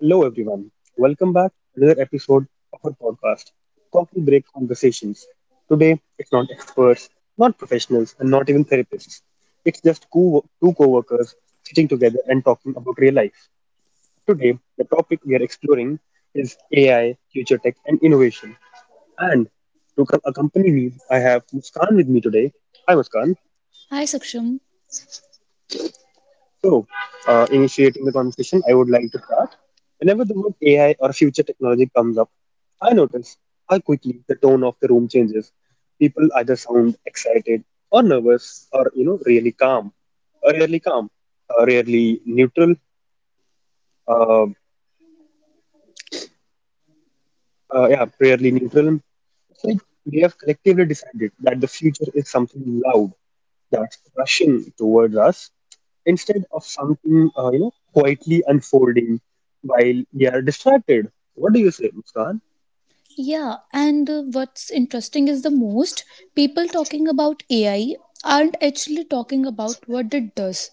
Hello, everyone. Welcome back to another episode of our podcast, Coffee Break Conversations. Today, it's not experts, not professionals, and not even therapists. It's just two co workers sitting together and talking about real life. Today, the topic we are exploring is AI, future tech, and innovation. And to accompany me, I have Muskan with me today. Hi, Muskan. Hi, Saksham. So, initiating the conversation, I would like to start. Whenever the word AI or future technology comes up, I notice how quickly the tone of the room changes. People either sound excited or nervous, or you know, really calm, rarely calm, rarely neutral. Uh, yeah, rarely neutral. It's like we have collectively decided that the future is something loud that's rushing towards us instead of something you know quietly unfolding while we are distracted. What do you say, Muskan? Yeah, and What's interesting is the most people talking about AI aren't actually talking about what it does.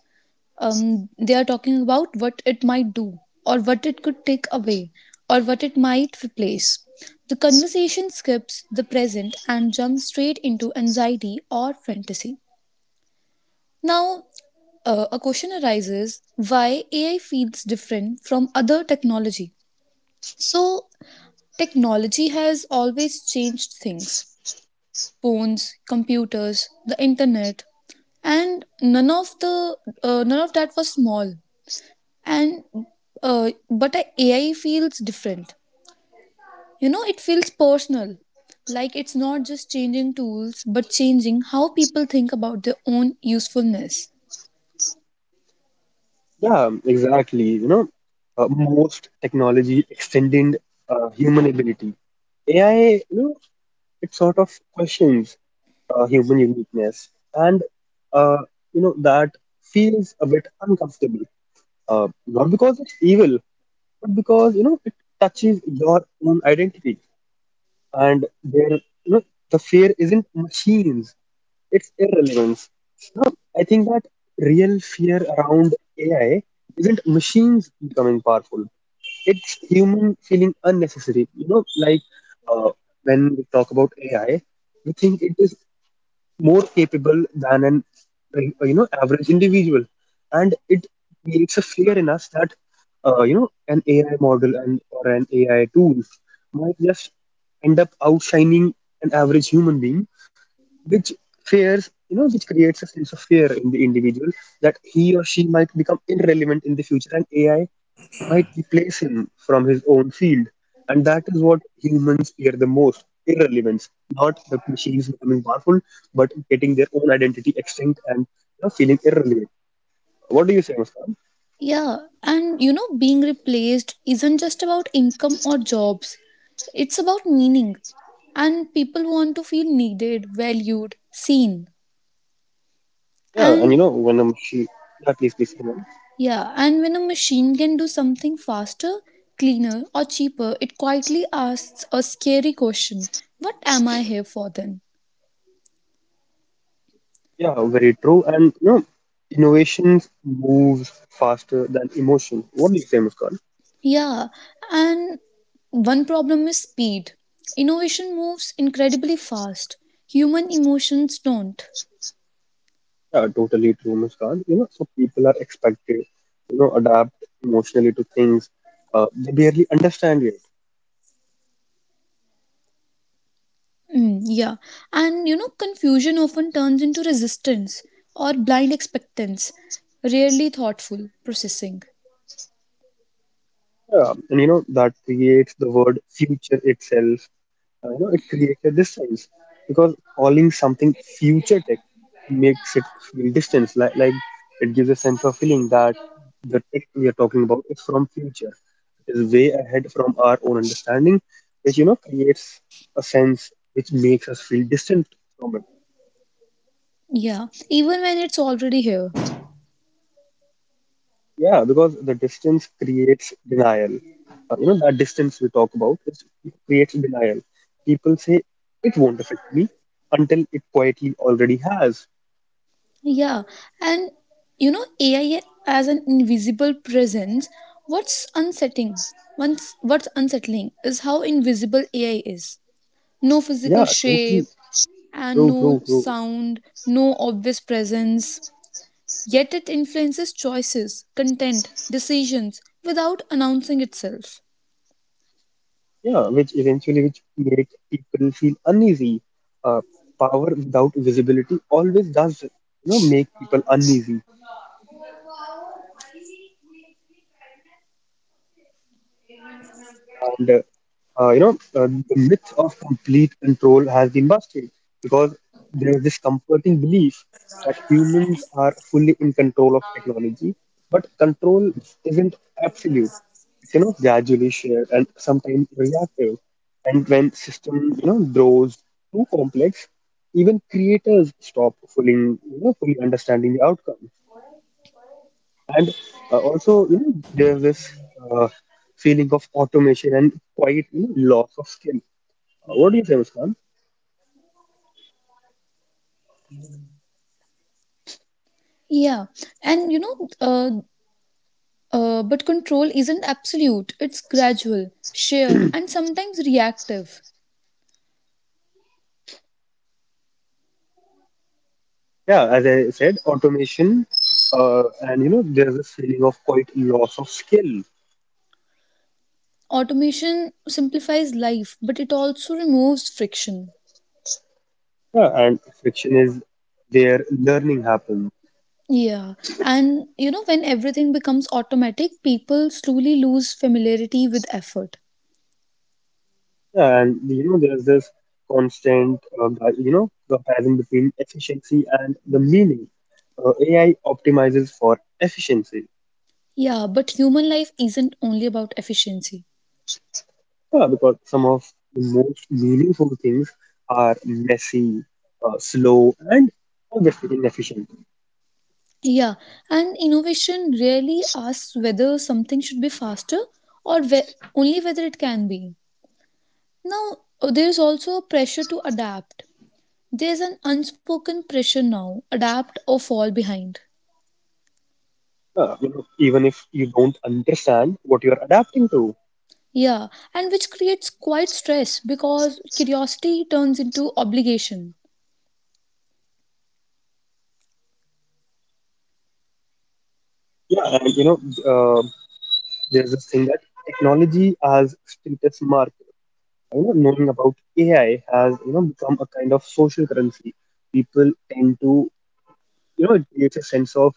They are talking about what it might do, or what it could take away, or what it might replace. The conversation skips the present and jumps straight into anxiety or fantasy. Now, a question arises why AI feels different from other technology. So, technology has always changed things phones, computers, the internet, and none of that was small, and but a AI feels different. You know, it feels personal, like it's not just changing tools but changing how people think about their own usefulness. Yeah, exactly. You know, most technology extended human ability. AI, you know, it sort of questions human uniqueness, and uh, you know that feels a bit uncomfortable. Not because it's evil, but because you know it touches your own identity. And there, you know, the fear isn't machines, it's irrelevance. You know, I think that real fear around AI isn't machines becoming powerful, it's human feeling unnecessary. You know, uh, when we talk about AI, we think it is more capable than an you know average individual, and it creates a fear in us that you know an AI model and or an AI tool might just end up outshining an average human being, which fears, you know, which creates a sense of fear in the individual that he or she might become irrelevant in the future, and AI might replace him from his own field. And that is what humans fear the most: irrelevance, not the machines becoming powerful, but getting their own identity extinct and, you know, feeling irrelevant. What do you say, Muskan? Yeah, and you know, being replaced isn't just about income or jobs, it's about meaning. And people want to feel needed, valued, seen. Yeah, and you And know, when a machine, yeah, please, please go on. yeah, and when a machine can do something faster, cleaner, or cheaper, it quietly asks a scary question: what am I here for then? Yeah, very true. And you know, innovations moves faster than emotion. What do you say, Muskan? Yeah, and one problem is speed. Innovation moves incredibly fast, human emotions don't. Yeah, totally true, Muskan. You know, so people are expected, you know, adapt emotionally to things they barely understand yet. Mm, yeah. And you know, confusion often turns into resistance or blind expectance, rarely thoughtful processing. Yeah, and you know that creates the word future itself. You know, it created this sense because calling something future tech makes it feel distance, like it gives a sense of feeling that the tech we are talking about is from future. It is way ahead from our own understanding, which you know creates a sense which makes us feel distant from it. Yeah, even when it's already here. Yeah, because the distance creates denial. You know, that distance we talk about is, it creates denial. People say it won't affect me until it quietly already has. Yeah, and you know, AI as an invisible presence, what's unsettling? Once, what's unsettling is how invisible AI is. No physical Yeah, shape totally and true, no true, true. sound, no obvious presence. Yet it influences choices, content, decisions without announcing itself. Yeah, which eventually which make people feel uneasy. Uh, Power without visibility always does, you know, make people uneasy. And you know the myth of complete control has been busted because there is this comforting belief that humans are fully in control of technology, but control isn't absolute, it's you know gradually shared and sometimes reactive. And when system, you know, grows too complex, even creators stop fully you know fully understanding the outcome. And also, you know, there's this uh, feeling of automation and quite, you know, loss of skill. What do you say, Muskan? Yeah, and you know, but control isn't absolute, it's gradual, shared, and sometimes reactive. Yeah, as I said, automation, and you know, there's this feeling of quite loss of skill. Automation simplifies life, but it also removes friction. Yeah, and friction is where learning happens. Yeah, and you know, when everything becomes automatic, people slowly lose familiarity with effort. Yeah, and you know, there's this constant, you know, comparison between efficiency and the meaning. AI optimizes for efficiency. Yeah, but human life isn't only about efficiency. Yeah, because some of the most meaningful things are messy, slow, and obviously inefficient. Yeah, and innovation really asks whether something should be or whe- only whether it can be. Now, there is also a pressure to adapt. There's an unspoken pressure now adapt or fall behind. You know, even if you don't understand what you're adapting to. Yeah, and which creates quite stress because curiosity turns into obligation. Yeah, and you know, uh, there's this thing that technology as status marker. You know, knowing about AI has you know become a kind of social currency. People tend to, you know, it creates a sense of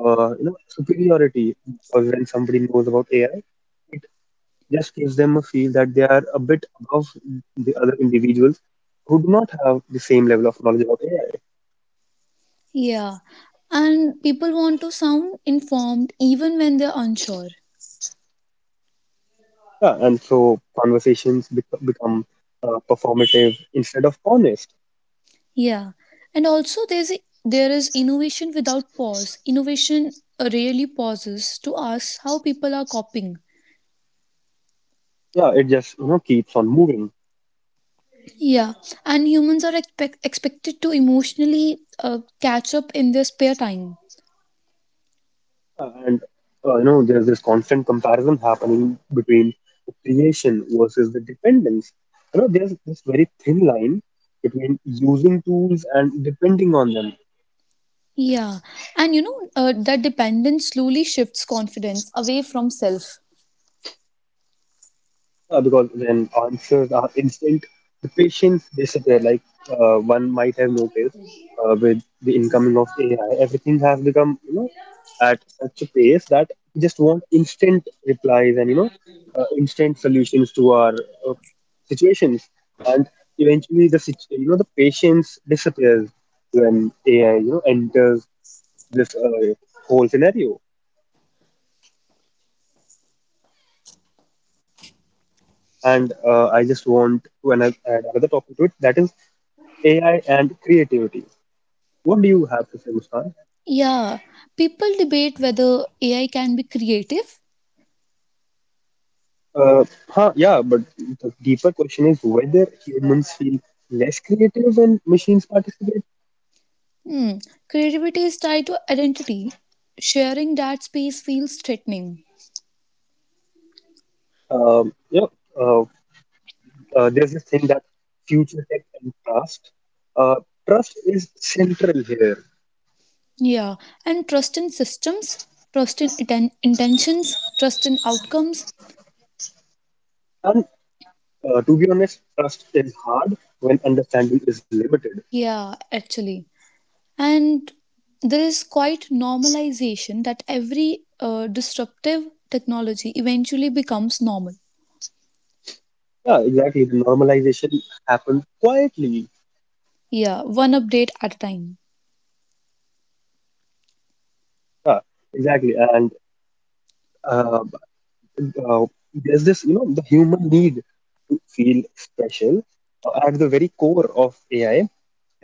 you know superiority, because when somebody knows about AI, just gives them a feel that they are a bit above the other individuals who do not have the same level of knowledge about AI. Yeah, and people want to sound informed even when they're unsure. Yeah, and so conversations become performative instead of honest. Yeah, and also there is innovation without pause. Innovation really pauses to ask how people are coping. Yeah, it just you know keeps on moving. Yeah, and humans are expected to emotionally catch up in their spare time. And you know there's this constant comparison happening between the creation versus the dependence. You know, there's this very thin line between using tools and depending on them, Yeah, and you know that dependence slowly shifts confidence away from self. Because when answers are instant, the patience disappear. Like, one might have noticed with the incoming of AI, everything has become you know at such a pace that we just want instant replies and you know instant solutions to our uh, situations, and eventually the you know the patience disappears when AI you know enters this whole scenario. And I just want to add another topic to it. That is AI and creativity. What do you have to say, Muskan? Yeah, people debate whether AI can be creative. Uh, yeah, but the deeper question is whether humans feel less creative when machines participate. Hmm. Creativity is tied to identity. Sharing that space feels threatening. Yeah, uh, there's this thing that future tech and trust. Uh, Trust is central here, Yeah, and trust in systems, trust in intentions, trust in outcomes. and to be honest, trust is hard when understanding is limited. Yeah, actually. And there is quite normalization that every disruptive technology eventually becomes normal. Yeah, exactly. The normalization happened quietly. Yeah, one update at a time. Yeah, exactly. And uh, uh, there's this, you know, the human need to feel special at the very core of AI.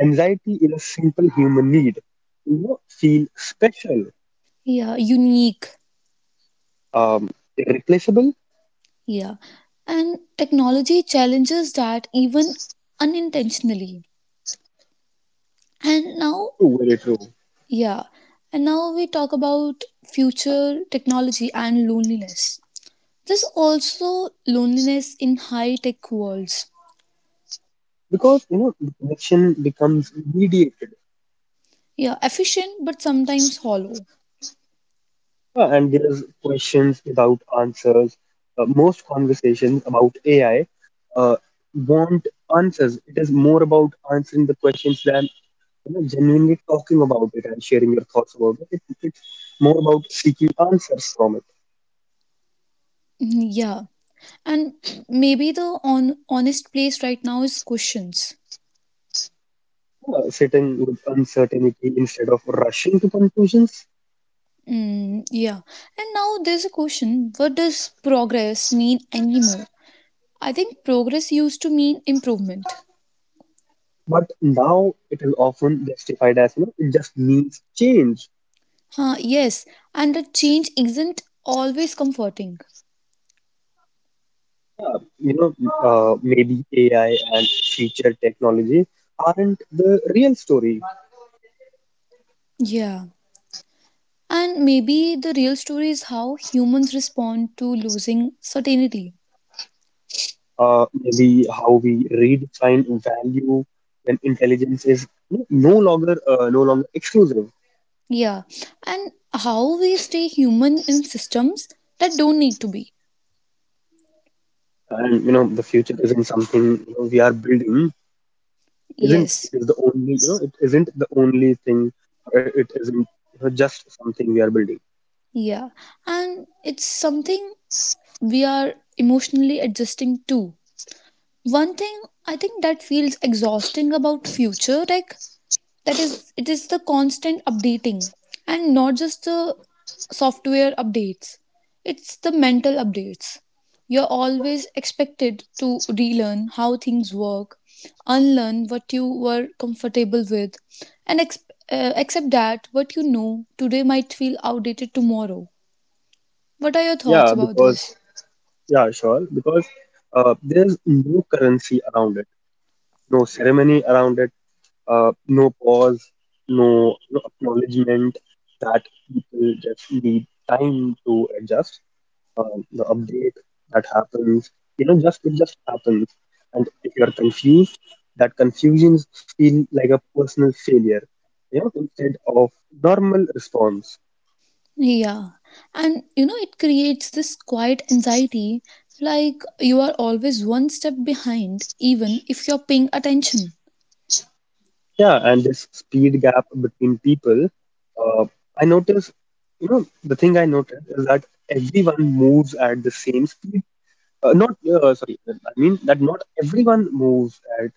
Anxiety is a simple human need to, you know, feel special, Yeah, unique. um, irreplaceable. Yeah. And technology challenges that even unintentionally. And now, To very true. yeah. And now we talk about future technology and loneliness. There's also loneliness in high tech worlds. Because, you know, the connection becomes mediated, Yeah, efficient but sometimes hollow. And there's questions without answers. Most conversations about AI uh, want answers. It is more about answering the questions than, you know, genuinely talking about it and sharing your thoughts about it. It's more about seeking answers from it, Mm, yeah, and maybe the honest place right now is questions. Sitting with uncertainty instead of rushing to conclusions. Mm, yeah, and now there's a question what does progress mean anymore? I think progress used to mean improvement. But now it is often justified as, you know, it just means change. Huh, yes, and the change isn't always comforting. You know, maybe AI and future technology aren't the real story. Yeah. And maybe the real story is how humans respond to losing certainty. Maybe how we redefine value when intelligence is no longer exclusive. Yeah. And how we stay human in systems that don't need to be. And you know the future isn't something, you know, we are building, isn't Yes. it is the only, you know, it isn't the only thing, or it isn't, you know, just something we are building. Yeah. And it's something we are emotionally adjusting to. One thing I think that feels exhausting about future tech that is it is the constant updating, and not just the software updates, it's the mental updates. You're always expected to relearn how things work, unlearn what you were comfortable with, and accept that what you know today might feel outdated tomorrow. What are your Yeah, thoughts about because this? yeah sure, because there's no currency around it, no ceremony around it, no pause, no, no acknowledgement that people just need time to adjust. The update that happens, you know, just it just happens. And if you are confused, that confusion feel like a personal failure, you know, instead of normal response. Yeah, and you know, it creates this quiet anxiety, like you are always one step behind, even if you're paying attention. Yeah, and this speed gap between people, uh, I notice, you know, the thing I noticed is that everyone moves at the same speed, not sorry I mean that not everyone moves at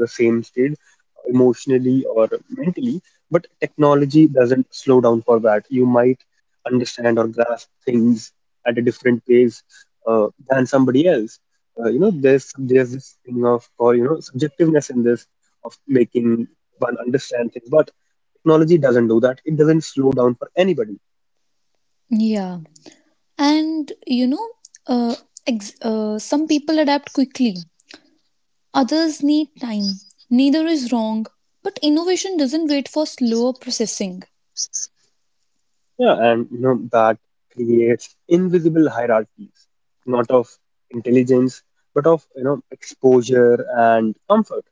the same stage, emotionally or mentally, but technology doesn't slow down for that. You might understand or grasp things at a different pace than somebody else. You know, there's this thing of, or you know, subjectiveness in this, of making one understand things, but technology doesn't do that, it doesn't slow down for anybody. Yeah, and you know, uh, ex- some people adapt quickly, others need time. Neither is wrong, but innovation doesn't wait for slower processing. Yeah, and you know that creates invisible hierarchies, not of intelligence, but of you know exposure and comfort.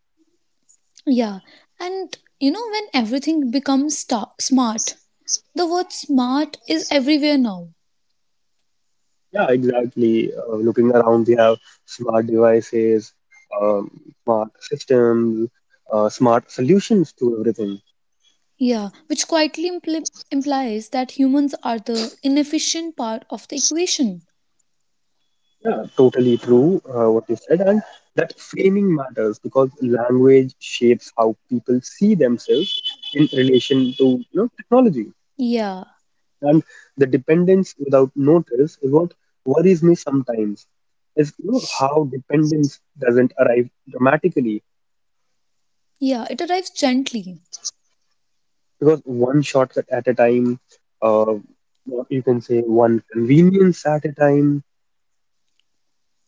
Yeah, and you know, when everything becomes smart, the word smart is everywhere now. Yeah, exactly. Looking around, we have smart devices, smart systems, smart solutions to everything. Yeah, which quietly implies that humans are the inefficient part of the equation. Yeah, totally true. What you said, and that framing matters because language shapes how people see themselves in relation to, you know, technology. Yeah, And the dependence without notice is what worries me sometimes, is you know how dependence doesn't arrive dramatically, yeah, it arrives gently. because one shortcut at a time, uh, or you can say one convenience at a time.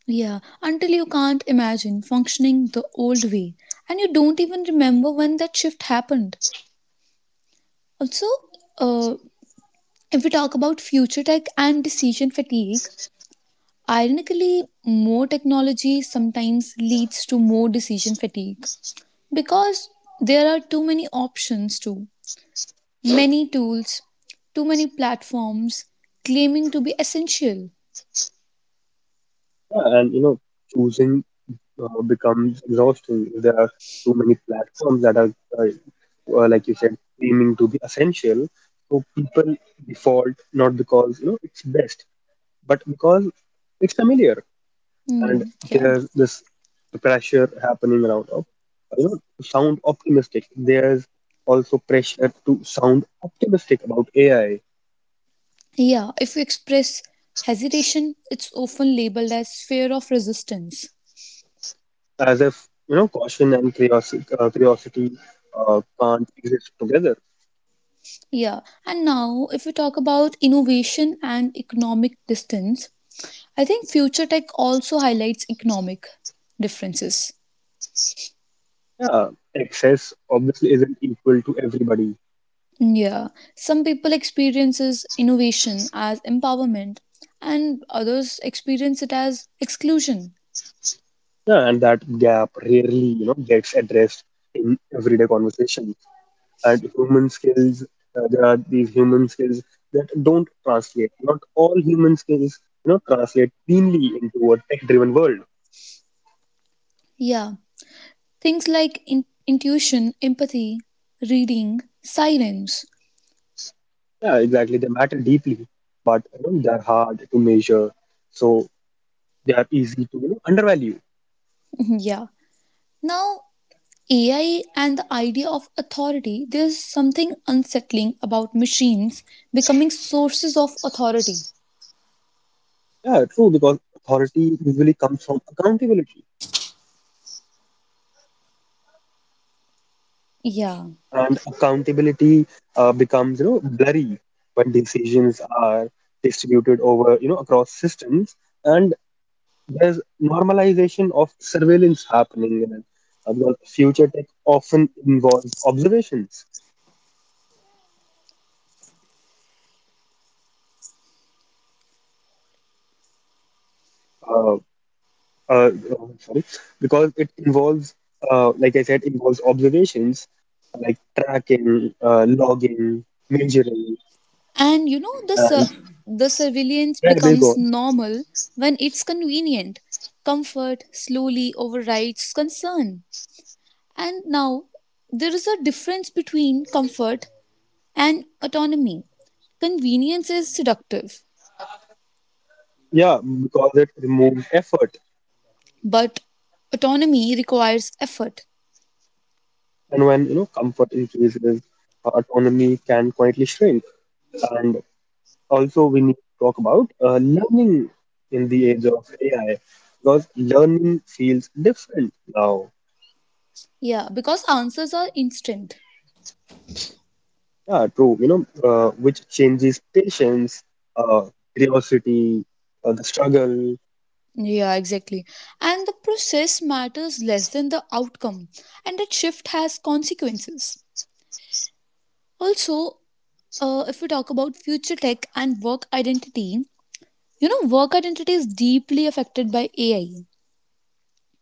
Yeah, until you can't imagine functioning the old way. And you don't even remember when that shift happened. Also, uh, if we talk about future tech and decision fatigue, ironically, more technology sometimes leads to more decision fatigue because there are too many options, too many tools, too many platforms claiming to be essential. Yeah, and you know choosing becomes exhausting. There are too many platforms that are like you said claiming to be essential, so people default not because you know it's best, but because it's familiar. And Hmm, yeah. there's this pressure happening around of, you know, to sound optimistic. There's also pressure to sound optimistic about AI, Yeah, if you express hesitation, it's often labeled as fear of resistance. as if you know caution and curiosity can't exist together. Yeah, and now if we talk about innovation and economic distance, I think future tech also highlights economic differences. Yeah, access obviously isn't equal to everybody. Hmm, yeah, some people experiences innovation as empowerment and others experience it as exclusion. Yeah, and that gap rarely you know gets addressed in everyday conversation at human skills. There are these human skills that don't translate. Not all human skills, you know, translate cleanly into a tech-driven world. Yeah, things like intuition, empathy, reading, silence. Yeah, exactly. They matter deeply, but you know, they're hard to measure, so they are easy to, you know, undervalue. Yeah. Now, AI and the idea of authority, there's something unsettling about machines becoming sources of authority. Yeah, true. Because authority usually comes from accountability, Yeah. and accountability becomes you know blurry when decisions are distributed over you know across systems. And there's normalization of surveillance happening, and because future tech often involves observations. Uh, uh, uh, sorry, because it involves, like I said, involves observations like tracking, logging, measuring, And you know, and the surveillance there they go. becomes normal when it's convenient. Comfort slowly overrides concern. And now, there is a difference between comfort and autonomy. Convenience is seductive, Yeah, because it removes effort, but autonomy requires effort. and when comfort increases, autonomy can quietly shrink. And also we need to talk about learning in the age of AI, because learning feels different now. Yeah, because answers are instant. Yeah, true. Which changes patience, uh, curiosity, the struggle, Yeah, exactly. And the process matters less than the outcome, and that shift has consequences. Also, if we talk about future tech and work identity, you know, work identity is deeply affected by AI.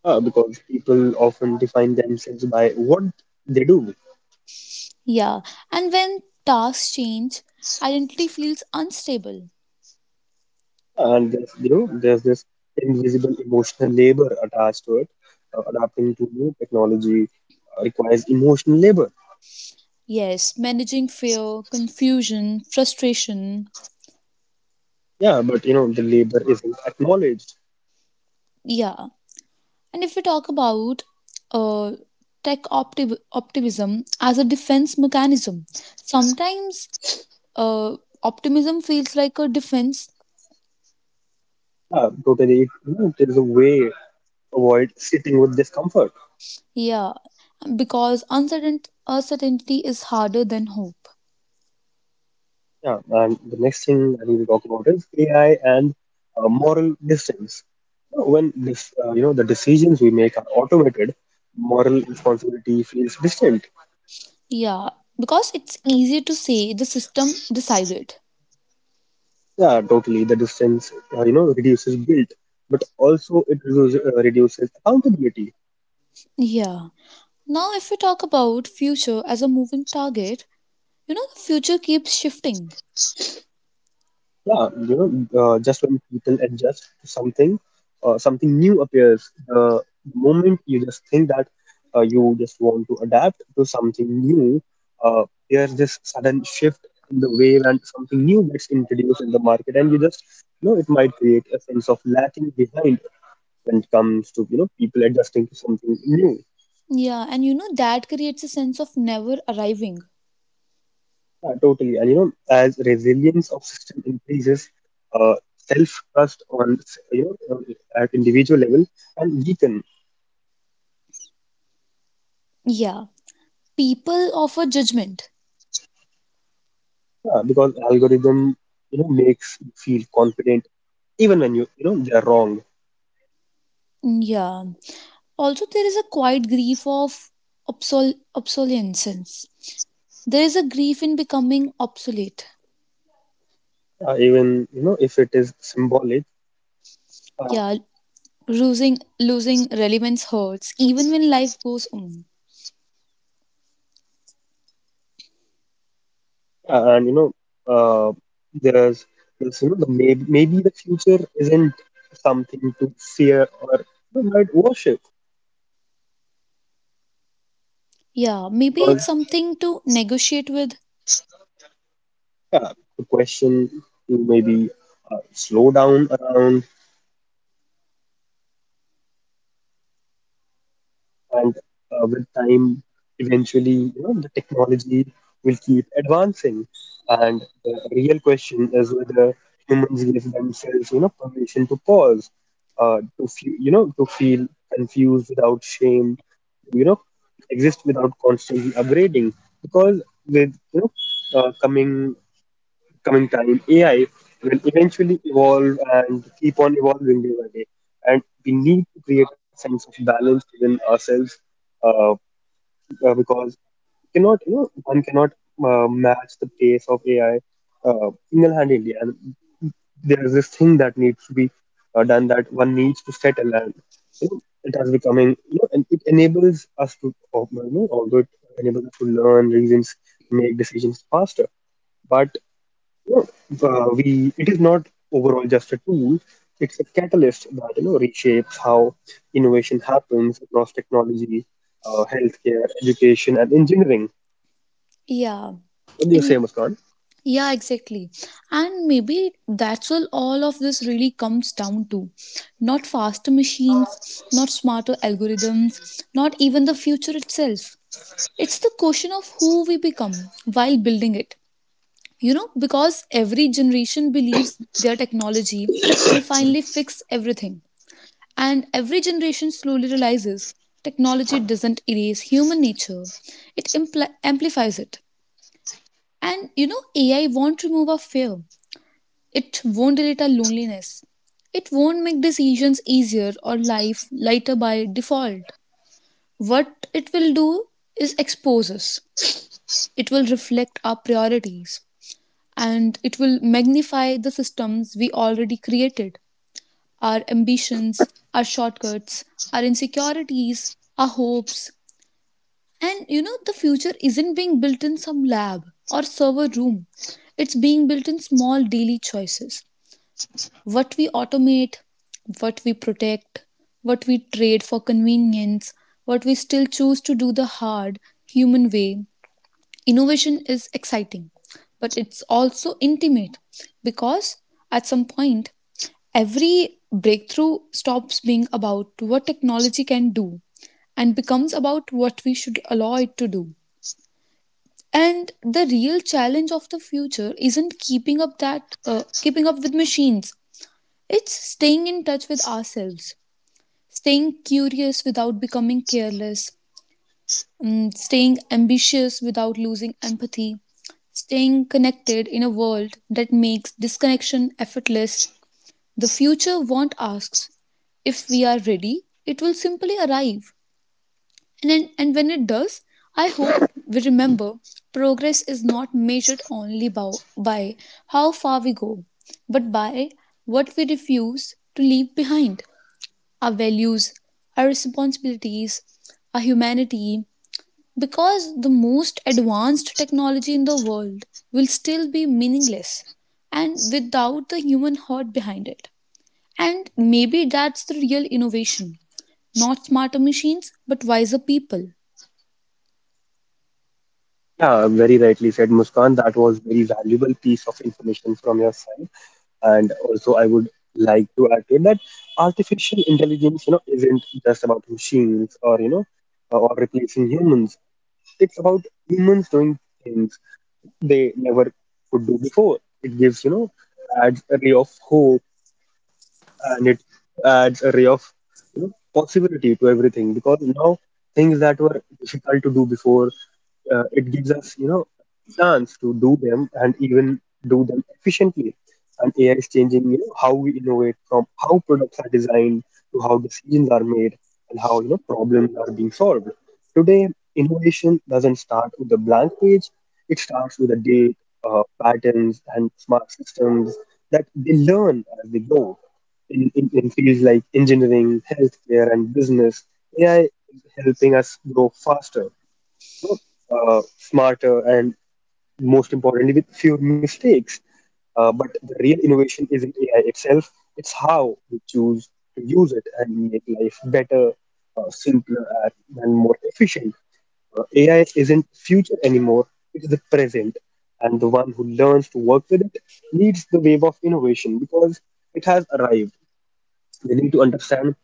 because people often define themselves by what they do, Yeah, and when tasks change, identity feels unstable. and there's this invisible emotional labor attached to it. Adapting to new technology requires emotional labor. Yes, managing fear, confusion, frustration. Yeah, but the labor isn't acknowledged. Yeah. And if we talk about uh, optimism as a defense mechanism, sometimes uh, optimism feels like a defense. Yeah, totally. There's a way to avoid sitting with discomfort. Yeah. Because uncertainty is harder than hope. Yeah, and the next thing I need to talk about is AI and moral distance. When the decisions we make are automated, moral responsibility feels distant. Yeah. Because it's easier to say the system decided. Yeah, totally. The distance, reduces guilt, but also it reduces accountability. Yeah. Now, if we talk about future as a moving target, you know, the future keeps shifting. Yeah, just when people adjust to something, something new appears. The moment you just think that you just want to adapt to something new, there's this sudden shift in the wave and something new gets introduced in the market, and you just it might create a sense of lacking behind when it comes to people adjusting to something new. Yeah, and you know that creates a sense of never arriving. Yeah, totally. And as resilience of system increases, self-trust on s- you know on- at individual level and weaken. Yeah, people offer judgment. Yeah, because algorithm makes you feel confident even when you know they are wrong, Yeah. Also, there is a quiet grief of obsolescence. There is a grief in becoming obsolete. Even if it is symbolic uh, Yeah, losing relevance hurts even when life goes on. and you know uh, there's, there's you know The maybe the future isn't something to fear or, you know, might worship Yeah, maybe because. it's something to negotiate with. Yeah, the question to maybe slow down around, and with time, eventually, you know, the technology will keep advancing. And the real question is whether humans give themselves, you know, permission to pause, to feel, you know, to feel confused without shame, to, you know, exist without constantly upgrading. Because with, you know, uh, coming coming time, AI will eventually evolve and keep on evolving day by day. And we need to create a sense of balance within ourselves, uh, because we cannot, you know, one cannot match the pace of AI single-handedly. And there is this thing that needs to be done, that one needs to settle. And it has becoming, and it enables us to although it enables us to learn reasons, make decisions faster, but know, we it is not overall just a tool, it's a catalyst that reshapes how innovation happens across technology, healthcare, education and engineering. Yeah, What do you and say, you Muskan? Yeah, exactly. And maybe that's all of this really comes down to. Not faster machines, not smarter algorithms, not even the future itself. It's the question of who we become while building it. You know, because every generation believes their technology will finally fix everything. And every generation slowly realizes technology doesn't erase human nature, it amplifies it. And you know, AI won't remove our fear, it won't delete our loneliness. It won't make decisions easier or life lighter by default. What it will do is expose us. It will reflect our priorities and it will magnify the systems we already created, our ambitions, our shortcuts, our insecurities, our hopes. And you know, the future isn't being built in some lab or server room, it's being built in small daily choices. What we automate, what we protect, what we trade for convenience, what we still choose to do the hard, human way. Innovation is exciting, but it's also intimate, because at some point, every breakthrough stops being about what technology can do and becomes about what we should allow it to do. And the real challenge of the future isn't keeping up with machines, it's staying in touch with ourselves, staying curious without becoming careless, mm, staying ambitious without losing empathy, staying connected in a world that makes disconnection effortless. The future won't ask if we are ready, it will simply arrive. And when it does, I hope we remember progress is not measured only by how far we go, but by what we refuse to leave behind, our values, our responsibilities, our humanity, because the most advanced technology in the world will still be meaningless and without the human heart behind it. And maybe that's the real innovation, not smarter machines, but wiser people. Yeah, very rightly said, Muskan. That was very valuable piece of information from your side, and also I would like to add to it that artificial intelligence, isn't just about machines, or or replacing humans. It's about humans doing things they never could do before. It gives, you know, adds a ray of hope, and it adds a ray of, you know, possibility to everything, because now things that were difficult to do before, it gives us, you know, chance to do them and even do them efficiently. And AI is changing, you know, how we innovate, from how products are designed to how decisions are made, and how, you know, problems are being solved today. Innovation doesn't start with a blank page, it starts with a date, patterns and smart systems that they learn as they go. In fields like engineering, healthcare, and business, AI is helping us grow faster, you smarter, and most importantly, with fewer mistakes. But the real innovation isn't AI itself, it's how we choose to use it and make life better, simpler, and more efficient. AI isn't future anymore, it's the present. And the one who learns to work with it leads the wave of innovation, because it has arrived. They need to understand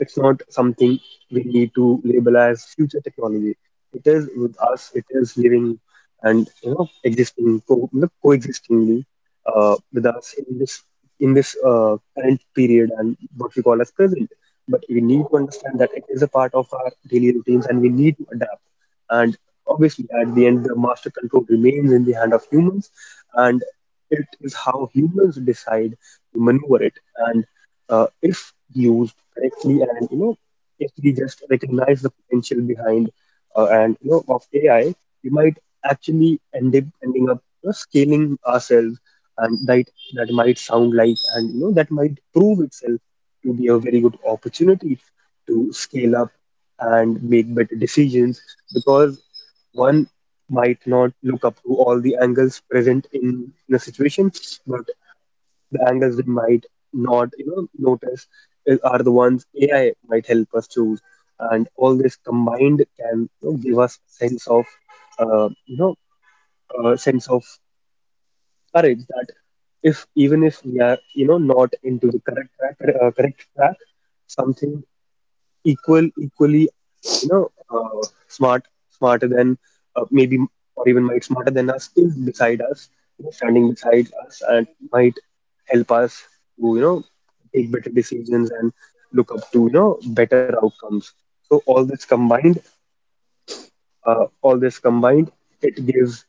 it's not something we need to label as future technology. It is with us. It is living and, you know, coexistingly with us in this current period and what we call as present. But we need to understand that it is a part of our daily routines, and we need to adapt. And obviously, at the end, the master control remains in the hand of humans, and it is how humans decide to maneuver it. And if used correctly, and, you know, if we just recognize the potential behind, and you know of AI, we might actually end up you know, scaling ourselves, and that might sound like, and, you know, that might prove itself to be a very good opportunity to scale up and make better decisions. Because one might not look up to all the angles present in a situation, but the angles we might not, you know, notice is, are the ones AI might help us choose, and all this combined can, you know, give us sense of, uh, you know sense of courage that if even if we are, you know, not into the correct track, uh, correct track, something equally you know, smart smarter than maybe, or even might smarter than us is beside us, you know, standing beside us, and might help us to, you know, take better decisions and look up to, you know, better outcomes. So all this combined, it gives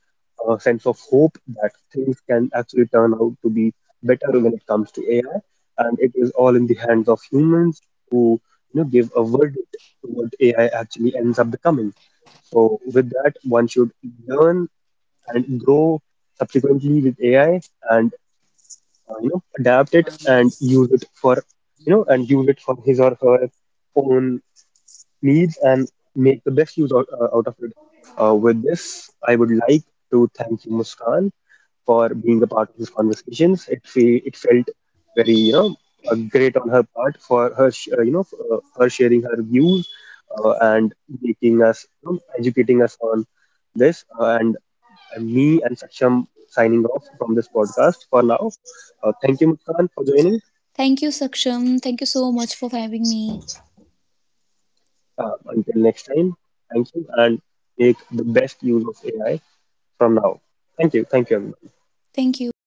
a sense of hope that things can actually turn out to be better when it comes to AI, and it is all in the hands of humans who, you know, give a verdict to what AI actually ends up becoming. So with that, one should learn and grow subsequently with AI, and you know, adapt it and use it for you know and use it for his or her own needs and make the best use out of it. With this, I would like to thank you, Muskan, for being a part of these conversations. It it felt very, you know, great on her part for her sh- you know her sharing her views, and making us, you know, educating us on this. And me and Saksham signing off from this podcast for now. Thank you, Muskan, for joining. Thank you, Saksham. Thank you so much for having me. Until next time, thank you and make the best use of AI. From now. Thank you. Thank you. Thank you.